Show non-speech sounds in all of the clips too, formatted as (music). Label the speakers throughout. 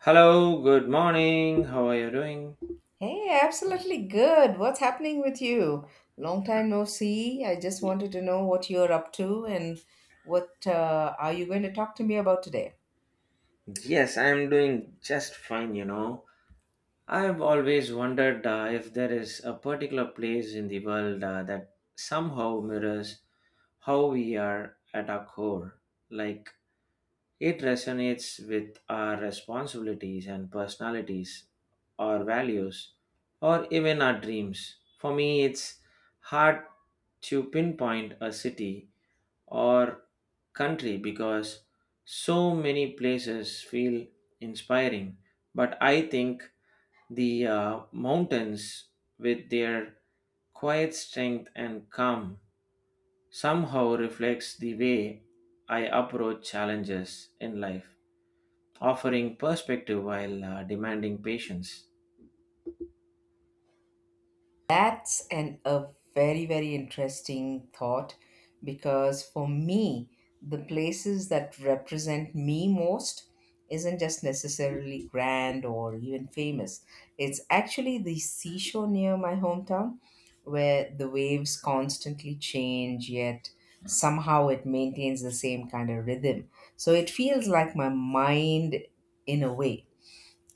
Speaker 1: Hello, good morning. How are you doing?
Speaker 2: Hey, absolutely good. What's happening with you? Long time no see. I just
Speaker 1: Y-
Speaker 2: wanted to know what you're up to and what are you going to talk to me about today?
Speaker 1: Yes, I'm doing just fine, you know. I've always wondered if there is a particular place in the world that somehow mirrors how we are at our core. Like, it resonates with our responsibilities and personalities, our values, or even our dreams. For me, it's hard to pinpoint a city or country because so many places feel inspiring. But I think the mountains, with their quiet strength and calm, somehow reflects the way I approach challenges in life, offering perspective while demanding patience.
Speaker 2: That's an a very, very interesting thought, because for me the places that represent me most isn't just necessarily grand or even famous. It's actually the seashore near my hometown, where the waves constantly change, yet somehow it maintains the same kind of rhythm. So it feels like my mind, in a way.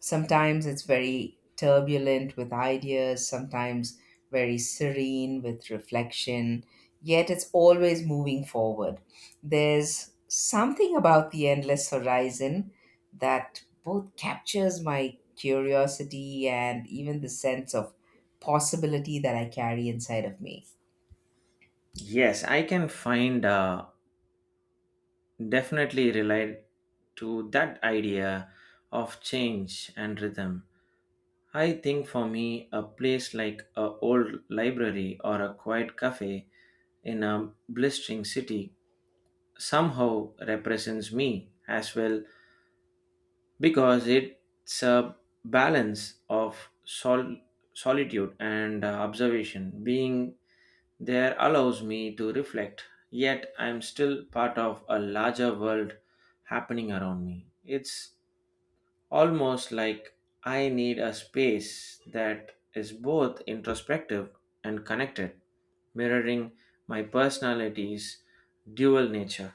Speaker 2: Sometimes it's very turbulent with ideas, sometimes very serene with reflection, yet it's always moving forward. There's something about the endless horizon that both captures my curiosity and even the sense of possibility that I carry inside of me.
Speaker 1: Yes, I can find definitely relate to that idea of change and rhythm. I think for me, a place like a old library or a quiet cafe in a blistering city somehow represents me as well because it's a balance of solitude and observation being there allows me to reflect, yet I am still part of a larger world happening around me. It's almost like I need a space that is both introspective and connected, mirroring my personality's dual nature.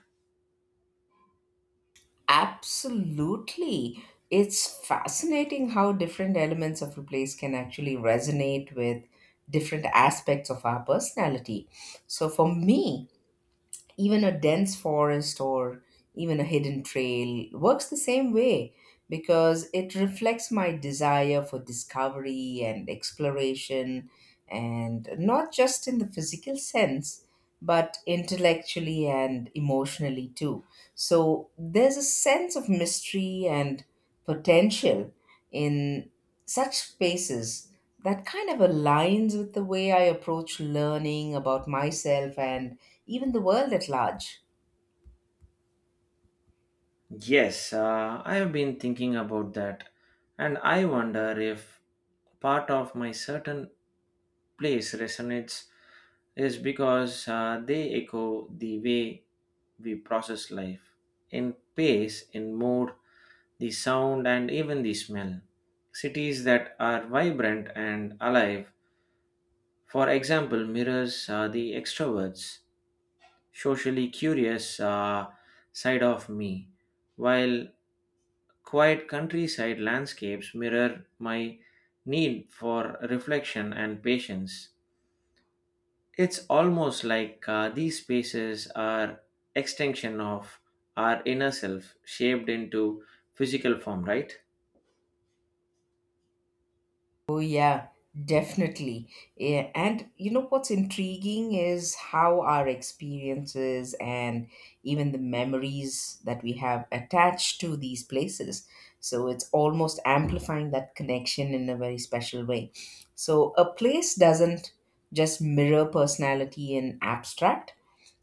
Speaker 2: Absolutely. It's fascinating how different elements of a place can actually resonate with different aspects of our personality. So, for me, even a dense forest or even a hidden trail works the same way, because it reflects my desire for discovery and exploration, and not just in the physical sense, but intellectually and emotionally too. So there's a sense of mystery and potential in such spaces that kind of aligns with the way I approach learning about myself and even the world at large.
Speaker 1: Yes, I have been thinking about that, and I wonder if part of my certain place resonates is because they echo the way we process life in pace, in mood, the sound, and even the smell. Cities that are vibrant and alive, for example, mirrors the extroverts, socially curious side of me, while quiet countryside landscapes mirror my need for reflection and patience. It's almost like these spaces are extension of our inner self shaped into physical form, right?
Speaker 2: Oh, yeah, definitely. Yeah. And you know what's intriguing is how our experiences and even the memories that we have attached to these places. So it's almost amplifying that connection in a very special way. So a place doesn't just mirror personality in abstract,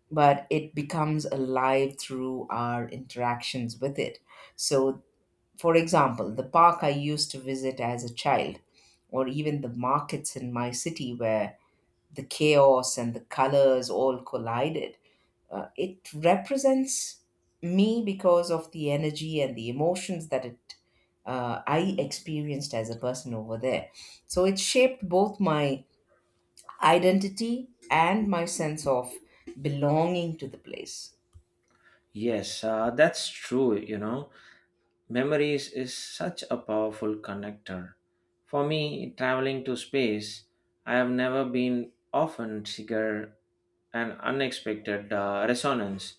Speaker 2: but it becomes alive through our interactions with it. So, for example, the park I used to visit as a child, or even the markets in my city, where the chaos and the colors all collided. It represents me because of the energy and the emotions that it I experienced as a person over there. So it shaped both my identity and my sense of belonging to the place.
Speaker 1: Yes, that's true. You know, memories is such a powerful connector. For me, traveling to space, I have never been often trigger an unexpected resonance,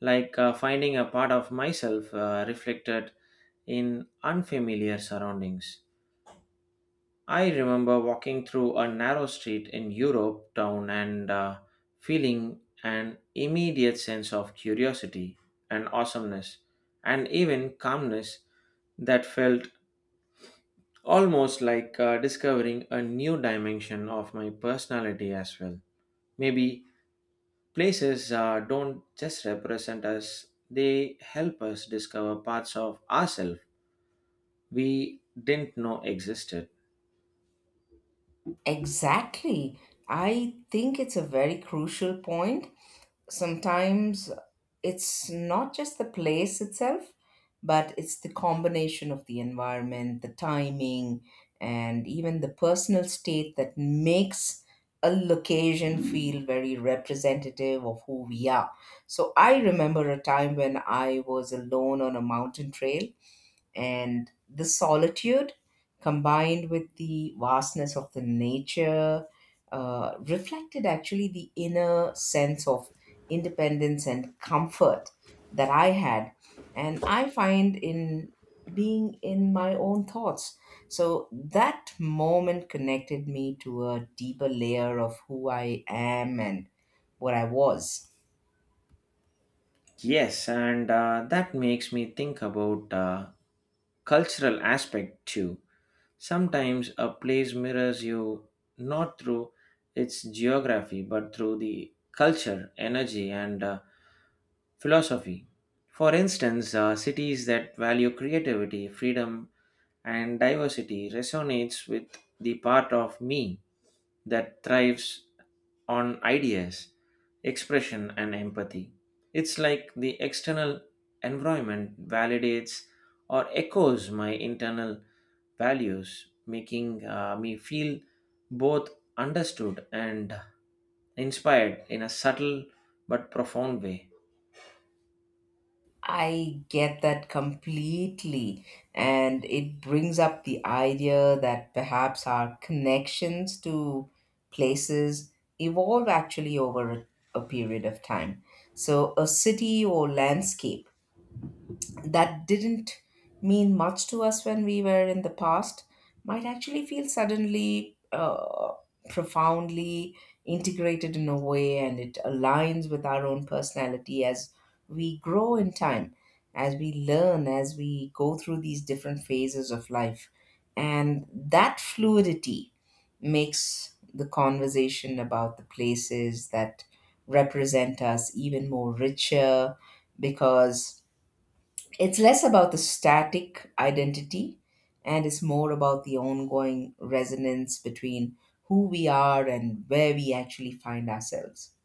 Speaker 1: like finding a part of myself reflected in unfamiliar surroundings. I remember walking through a narrow street in Europe town and feeling an immediate sense of curiosity and awesomeness and even calmness that felt almost like discovering a new dimension of my personality as well. Maybe places don't just represent us, they help us discover parts of ourselves we didn't know existed.
Speaker 2: Exactly. I think it's a very crucial point. Sometimes it's not just the place itself, but it's the combination of the environment, the timing, and even the personal state that makes a location feel very representative of who we are. So I remember a time when I was alone on a mountain trail, and the solitude combined with the vastness of the nature reflected actually the inner sense of independence and comfort that I had. And I find in being in my own thoughts. So that moment connected me to a deeper layer of who I am and what I was.
Speaker 1: Yes, and that makes me think about cultural aspect too. Sometimes a place mirrors you not through its geography but through the culture, energy, and philosophy. For instance, cities that value creativity, freedom, and diversity resonates with the part of me that thrives on ideas, expression, and empathy. It's like the external environment validates or echoes my internal values, making me feel both understood and inspired in a subtle but profound way.
Speaker 2: I get that completely. And it brings up the idea that perhaps our connections to places evolve actually over a period of time. So, a city or landscape that didn't mean much to us when we were in the past might actually feel suddenly profoundly integrated in a way, and it aligns with our own personality as we grow in time, as we learn, as we go through these different phases of life. And that fluidity makes the conversation about the places that represent us even more richer, because it's less about the static identity and is more about the ongoing resonance between who we are and where we actually find ourselves.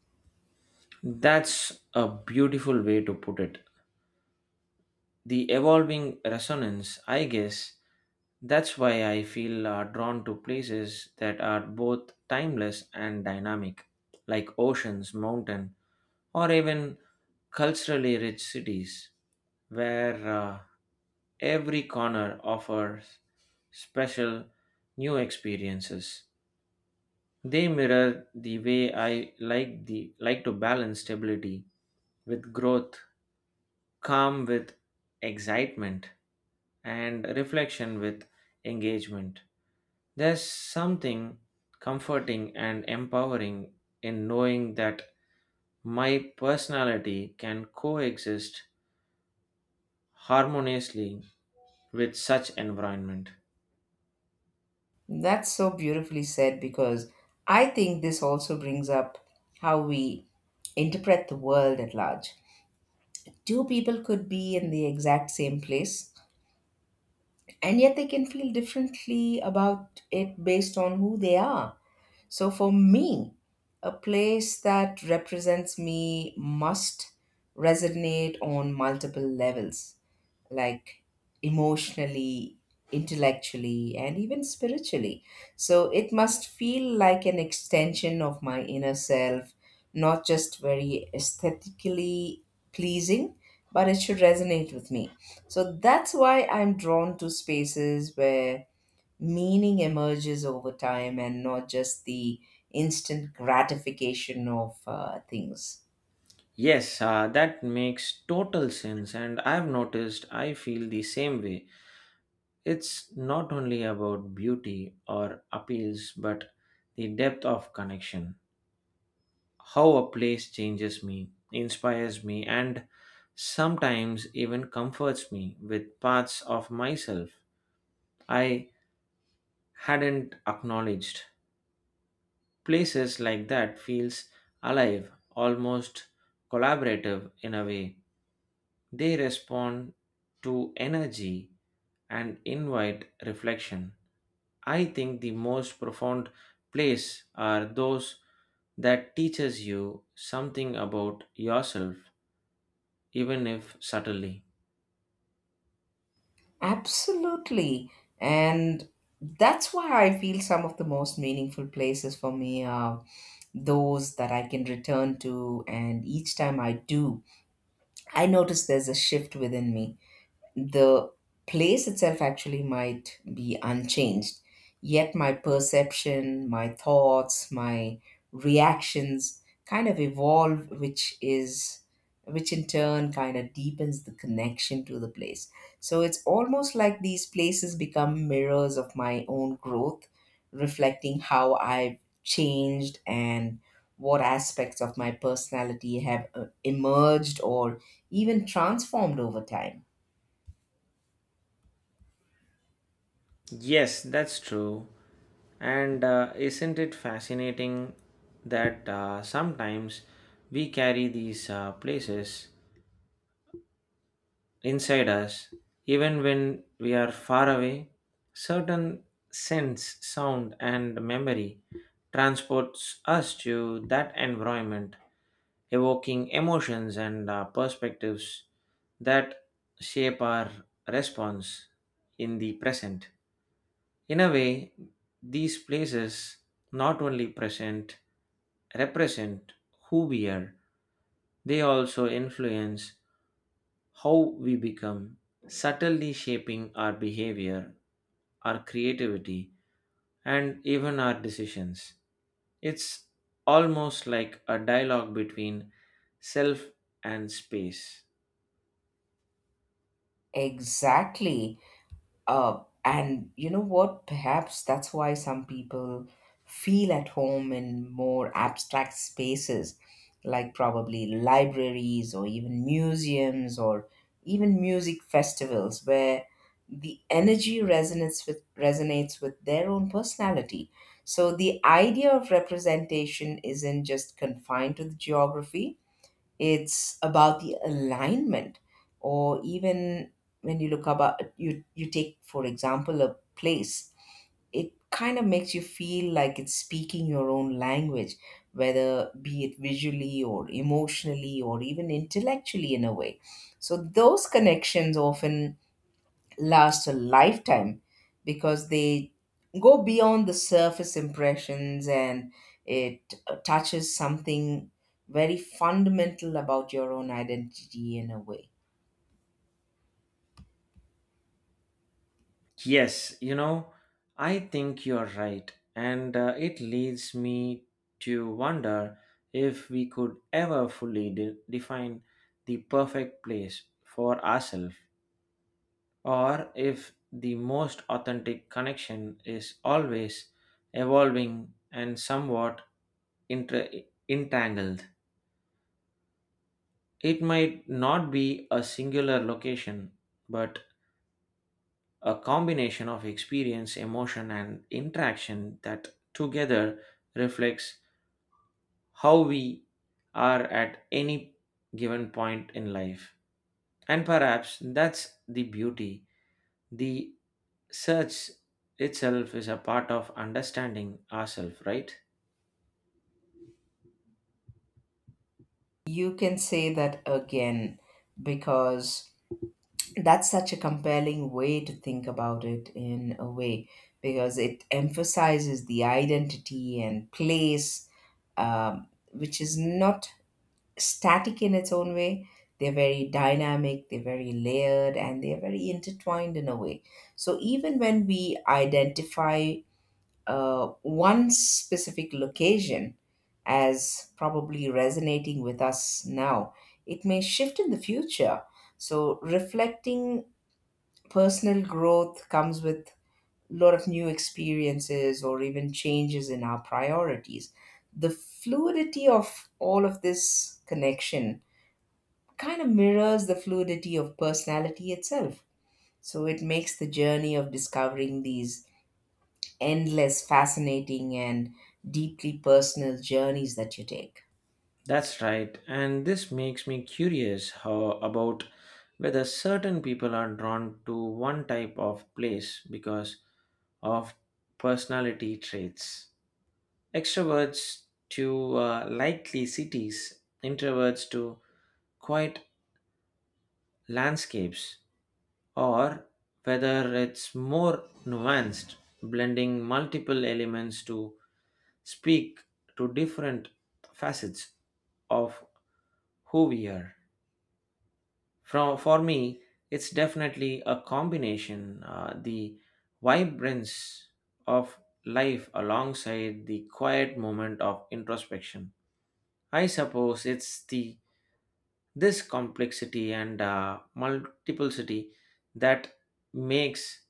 Speaker 1: That's a beautiful way to put it. The evolving resonance, I guess, that's why I feel drawn to places that are both timeless and dynamic, like oceans, mountain, or even culturally rich cities, where every corner offers special new experiences. They mirror the way I like to balance stability with growth, calm with excitement, and reflection with engagement. There's something comforting and empowering in knowing that my personality can coexist harmoniously with such environment.
Speaker 2: That's so beautifully said, because I think this also brings up how we interpret the world at large. Two people could be in the exact same place, and yet they can feel differently about it based on who they are. So for me, a place that represents me must resonate on multiple levels, like emotionally, intellectually, and even spiritually. So it must feel like an extension of my inner self, not just very aesthetically pleasing, but it should resonate with me. So that's why I'm drawn to spaces where meaning emerges over time, and not just the instant gratification of things.
Speaker 1: Yes, that makes total sense, and I've noticed I feel the same way. It's not only about beauty or appeals, but the depth of connection, how a place changes me, inspires me, and sometimes even comforts me with parts of myself I hadn't acknowledged. Places like that feels alive, almost collaborative in a way. They respond to energy and invite reflection. I think the most profound place are those that teaches you something about yourself even if subtly.
Speaker 2: Absolutely. And that's why I feel some of the most meaningful places for me are those that I can return to. And each time I do, I notice there's a shift within me. The place itself actually might be unchanged, yet my perception, my thoughts, my reactions kind of evolve, which in turn kind of deepens the connection to the place. So it's almost like these places become mirrors of my own growth, reflecting how I've changed and what aspects of my personality have emerged or even transformed over time.
Speaker 1: Yes, that's true. And isn't it fascinating that sometimes we carry these places inside us, even when we are far away? Certain sense, sound, and memory transports us to that environment, evoking emotions and perspectives that shape our response in the present. In a way, these places not only present, represent who we are, they also influence how we become, subtly shaping our behavior, our creativity, and even our decisions. It's almost like a dialogue between self and space.
Speaker 2: Exactly. And you know what? Perhaps that's why some people feel at home in more abstract spaces, like probably libraries or even museums or even music festivals, where the energy resonates with their own personality. So the idea of representation isn't just confined to the geography. It's about the alignment, or even when you look about you, you take for example a place, it kind of makes you feel like it's speaking your own language, whether be it visually or emotionally or even intellectually in a way. So those connections often last a lifetime, because they go beyond the surface impressions, and it touches something very fundamental about your own identity in a way.
Speaker 1: Yes, you know, I think you're right. And it leads me to wonder if we could ever fully define the perfect place for ourselves, or if the most authentic connection is always evolving and somewhat inter- entangled. It might not be a singular location, but a combination of experience, emotion, and interaction that together reflects how we are at any given point in life. And perhaps that's the beauty. The search itself is a part of understanding ourselves, right?
Speaker 2: You can say that again, because that's such a compelling way to think about it in a way, because it emphasizes the identity and place, which is not static in its own way. They're very dynamic, they're very layered, and they're very intertwined in a way. So even when we identify one specific location as probably resonating with us now, it may shift in the future. So reflecting personal growth comes with a lot of new experiences or even changes in our priorities. The fluidity of all of this connection kind of mirrors the fluidity of personality itself. So it makes the journey of discovering these endless, fascinating, and deeply personal journeys that you take.
Speaker 1: That's right. And this makes me curious how about whether certain people are drawn to one type of place because of personality traits. Extroverts to likely cities, introverts to quiet landscapes, or whether it's more nuanced, blending multiple elements to speak to different facets of who we are. From for me, it's definitely a combination, the vibrance of life alongside the quiet moment of introspection. I suppose it's the this complexity and multiplicity that makes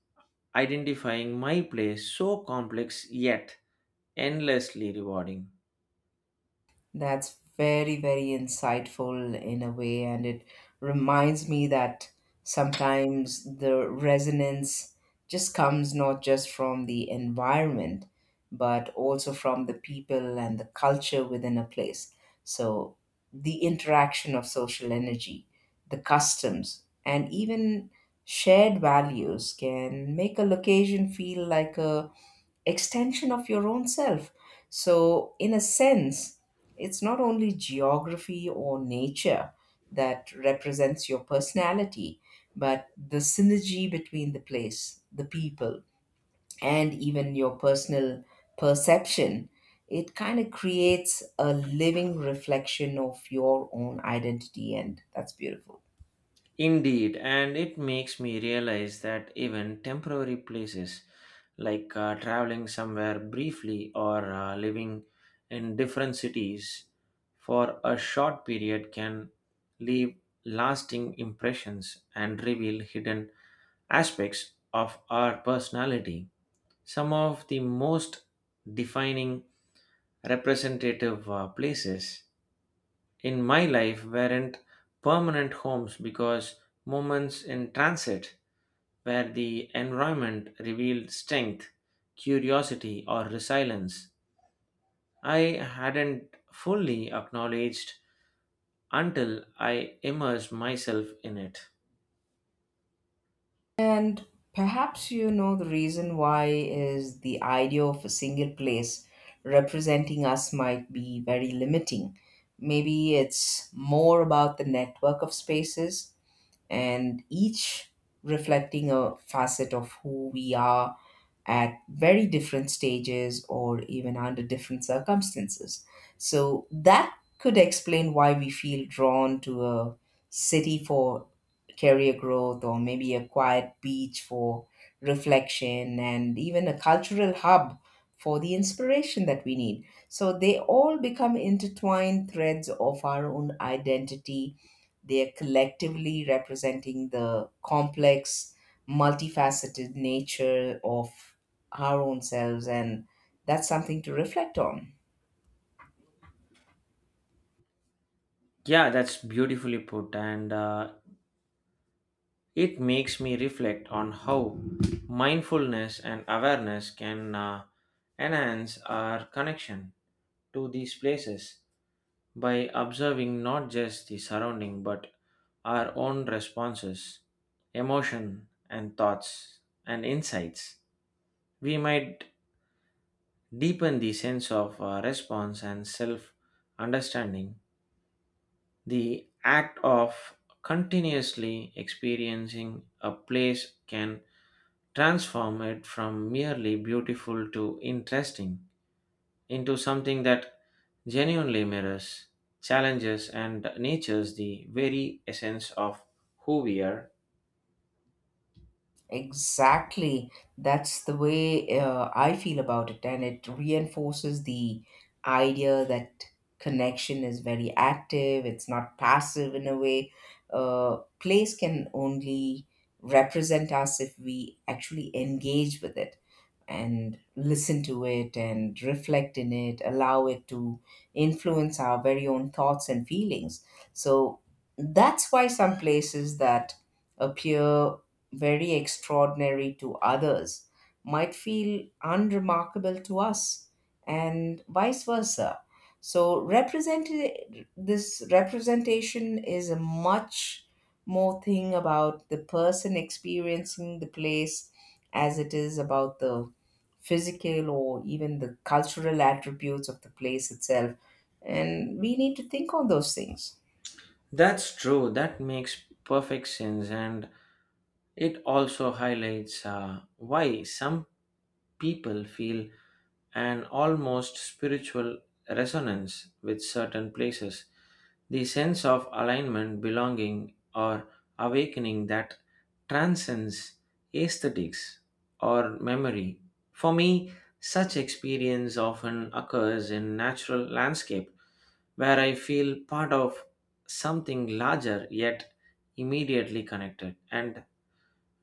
Speaker 1: identifying my place so complex yet endlessly rewarding.
Speaker 2: That's very, very insightful in a way, and it reminds me that sometimes the resonance just comes not just from the environment, but also from the people and the culture within a place. So, the interaction of social energy, the customs, and even shared values can make a location feel like a extension of your own self. So, in a sense, it's not only geography or nature that represents your personality, but the synergy between the place, the people, and even your personal perception. It kind of creates a living reflection of your own identity, and that's beautiful.
Speaker 1: Indeed, and it makes me realize that even temporary places like traveling somewhere briefly or living in different cities for a short period can leave lasting impressions and reveal hidden aspects of our personality. Some of the most defining representative places in my life weren't permanent homes because moments in transit where the environment revealed strength, curiosity, or resilience I hadn't fully acknowledged until I immersed myself in it.
Speaker 2: And perhaps, you know, the reason why is the idea of a single place representing us might be very limiting. Maybe it's more about the network of spaces, and each reflecting a facet of who we are at very different stages or even under different circumstances. So that could explain why we feel drawn to a city for career growth, or maybe a quiet beach for reflection, and even a cultural hub for the inspiration that we need. So they all become intertwined threads of our own identity. They're collectively representing the complex, multifaceted nature of our own selves, and that's something to reflect on.
Speaker 1: Yeah, that's beautifully put, and it makes me reflect on how mindfulness and awareness can enhance our connection to these places by observing not just the surrounding but our own responses, emotion and thoughts and insights. We might deepen the sense of response and self understanding. The act of continuously experiencing a place can transform it from merely beautiful to interesting into something that genuinely mirrors, challenges, and natures the very essence of who we are.
Speaker 2: Exactly. That's the way I feel about it, and it reinforces the idea that connection is very active, it's not passive in a way. Place can only represent us if we actually engage with it and listen to it and reflect in it, allow it to influence our very own thoughts and feelings. So that's why some places that appear very extraordinary to others might feel unremarkable to us, and vice versa. So represent this representation is a much more thing about the person experiencing the place as it is about the physical or even the cultural attributes of the place itself. And we need to think on those things.
Speaker 1: That's true, that makes perfect sense, and it also highlights why some people feel an almost spiritual resonance with certain places. The sense of alignment, belonging, or awakening that transcends aesthetics or memory. For me, such experience often occurs in natural landscape where I feel part of something larger yet immediately connected, and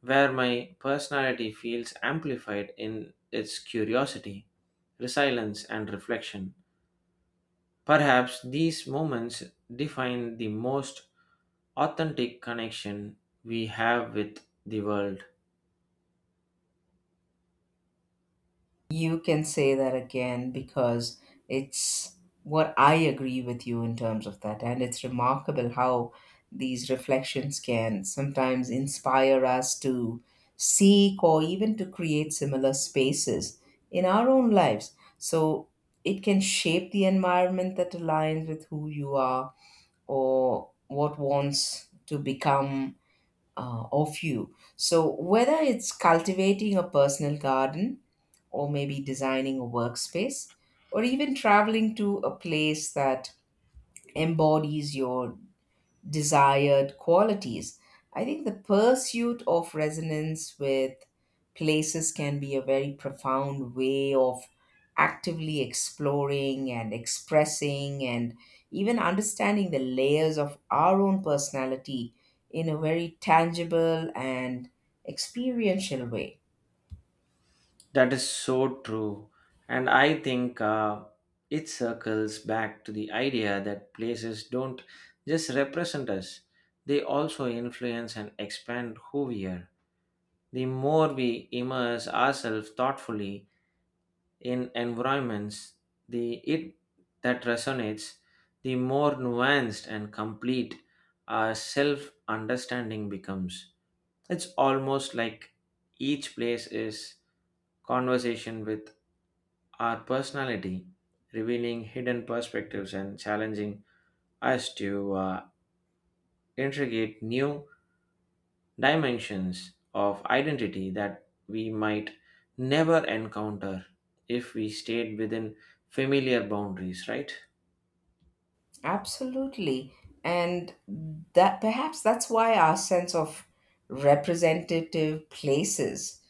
Speaker 1: where my personality feels amplified in its curiosity, resilience, and reflection. Perhaps these moments define the most authentic connection we have with the world.
Speaker 2: You can say that again, because it's what I agree with you in terms of that. And it's remarkable how these reflections can sometimes inspire us to seek or even to create similar spaces in our own lives. So it can shape the environment that aligns with who you are or what wants to become of you. So, whether it's cultivating a personal garden, or maybe designing a workspace, or even traveling to a place that embodies your desired qualities. I think the pursuit of resonance with places can be a very profound way of actively exploring and expressing and even understanding the layers of our own personality in a very tangible and experiential way.
Speaker 1: That is so true. And I think it circles back to the idea that places don't just represent us, they also influence and expand who we are. The more we immerse ourselves thoughtfully in environments the it that resonates, the more nuanced and complete our self understanding becomes. It's almost like each place is conversation with our personality, revealing hidden perspectives and challenging us to integrate new dimensions of identity that we might never encounter if we stayed within familiar boundaries, right?
Speaker 2: Absolutely. And that perhaps that's why our sense of representative places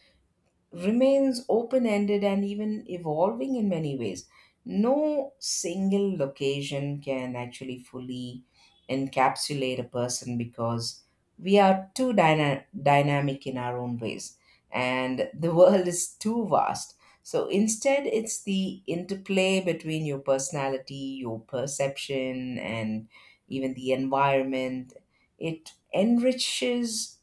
Speaker 2: remains open ended and even evolving in many ways. No single location can actually fully encapsulate a person, because we are too dynamic in our own ways, and the (laughs) world is too vast. So instead, it's the interplay between your personality, your perception, and even the environment. It enriches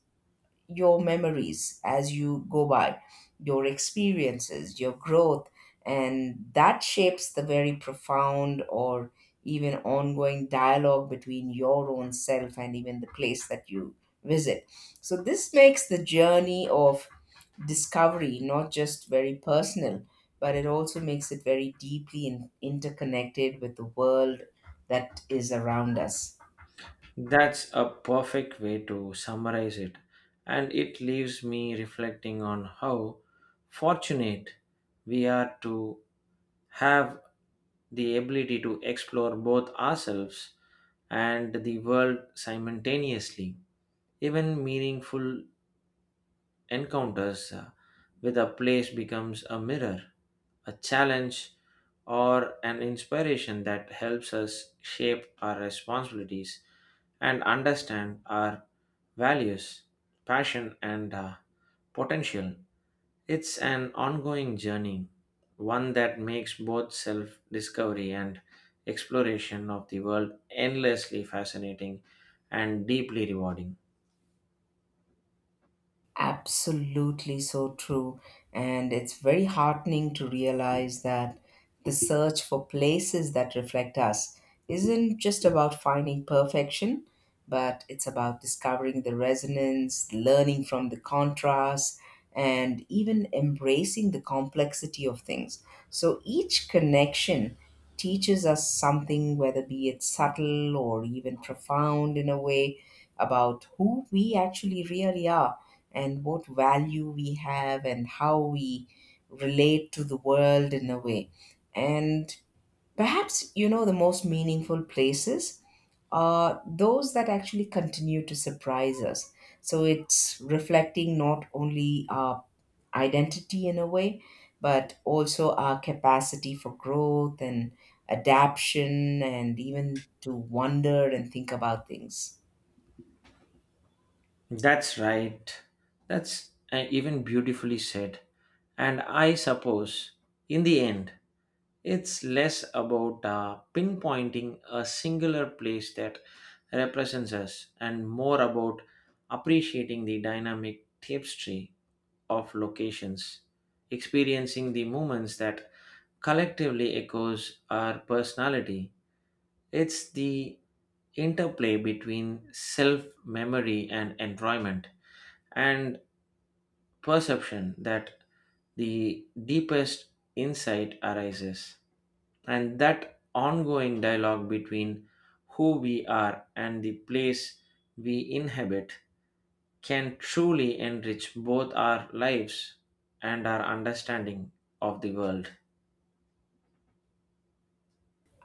Speaker 2: your memories as you go by, your experiences, your growth, and that shapes the very profound or even ongoing dialogue between your own self and even the place that you visit. So, this makes the journey of discovery not just very personal, but it also makes it very deeply interconnected with the world that is around us.
Speaker 1: That's a perfect way to summarize it, and it leaves me reflecting on how fortunate we are to have the ability to explore both ourselves and the world simultaneously. Even meaningful encounters with a place becomes a mirror, a challenge, or an inspiration that helps us shape our responsibilities and understand our values, passion, and potential. It's an ongoing journey, one that makes both self discovery and exploration of the world endlessly fascinating and deeply rewarding.
Speaker 2: Absolutely so true. And it's very heartening to realize that the search for places that reflect us isn't just about finding perfection, but it's about discovering the resonance, learning from the contrast, and even embracing the complexity of things. So each connection teaches us something, whether be it subtle or even profound in a way, about who we actually really are and what value we have and how we relate to the world in a way. And perhaps, you know, the most meaningful places are those that actually continue to surprise us. So it's reflecting not only our identity in a way, but also our capacity for growth and adaptation and even to wonder and think about things.
Speaker 1: That's right. That's even beautifully said. And I suppose, in the end, it's less about pinpointing a singular place that represents us and more about appreciating the dynamic tapestry of locations, experiencing the moments that collectively echoes our personality. It's the interplay between self memory and enjoyment and perception that the deepest insight arises. And that ongoing dialogue between who we are and the place we inhabit can truly enrich both our lives and our understanding of the world.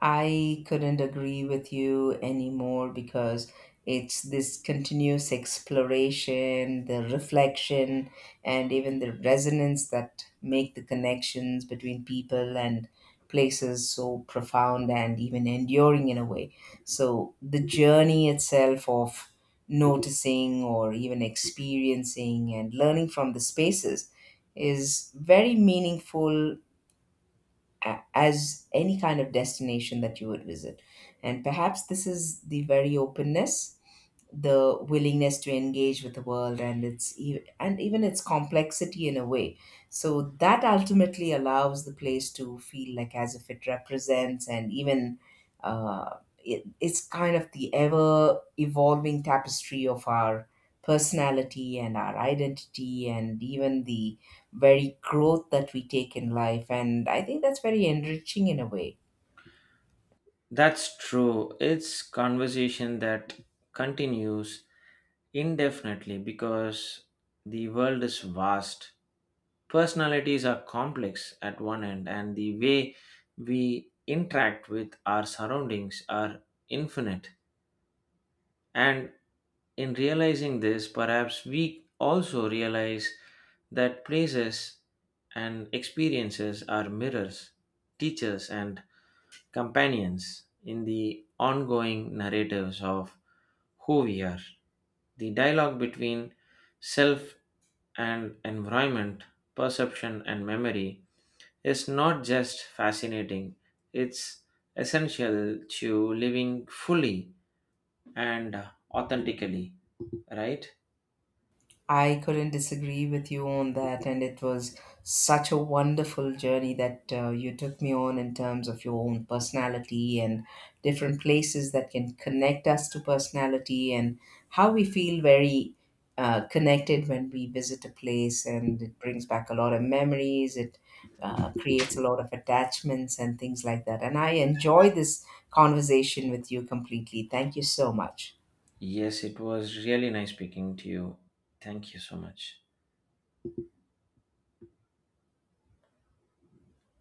Speaker 2: I couldn't agree with you anymore, because it's this continuous exploration, the reflection, and even the resonance that make the connections between people and places so profound and even enduring in a way. So the journey itself of noticing or even experiencing and learning from the spaces is very meaningful as any kind of destination that you would visit. And perhaps this is the very openness, the willingness to engage with the world and its and even its complexity in a way, so that ultimately allows the place to feel like as if it represents and even it's kind of the ever evolving tapestry of our personality and our identity and even the very growth that we take in life. And I think that's very enriching in a way.
Speaker 1: That's true. It's conversation that continues indefinitely because the world is vast. Personalities are complex at one end, and the way we interact with our surroundings are infinite. And in realizing this, perhaps we also realize that places and experiences are mirrors, teachers, and companions in the ongoing narratives of who we are. The dialogue between self and environment, perception and memory is not just fascinating, it's essential to living fully and authentically, right?
Speaker 2: I couldn't disagree with you on that, and it was such a wonderful journey that you took me on in terms of your own personality and different places that can connect us to personality and how we feel very connected when we visit a place, and it brings back a lot of memories. It creates a lot of attachments and things like that. And I enjoy this conversation with you completely. Thank you so much.
Speaker 1: Yes, it was really nice speaking to you. Thank you so much.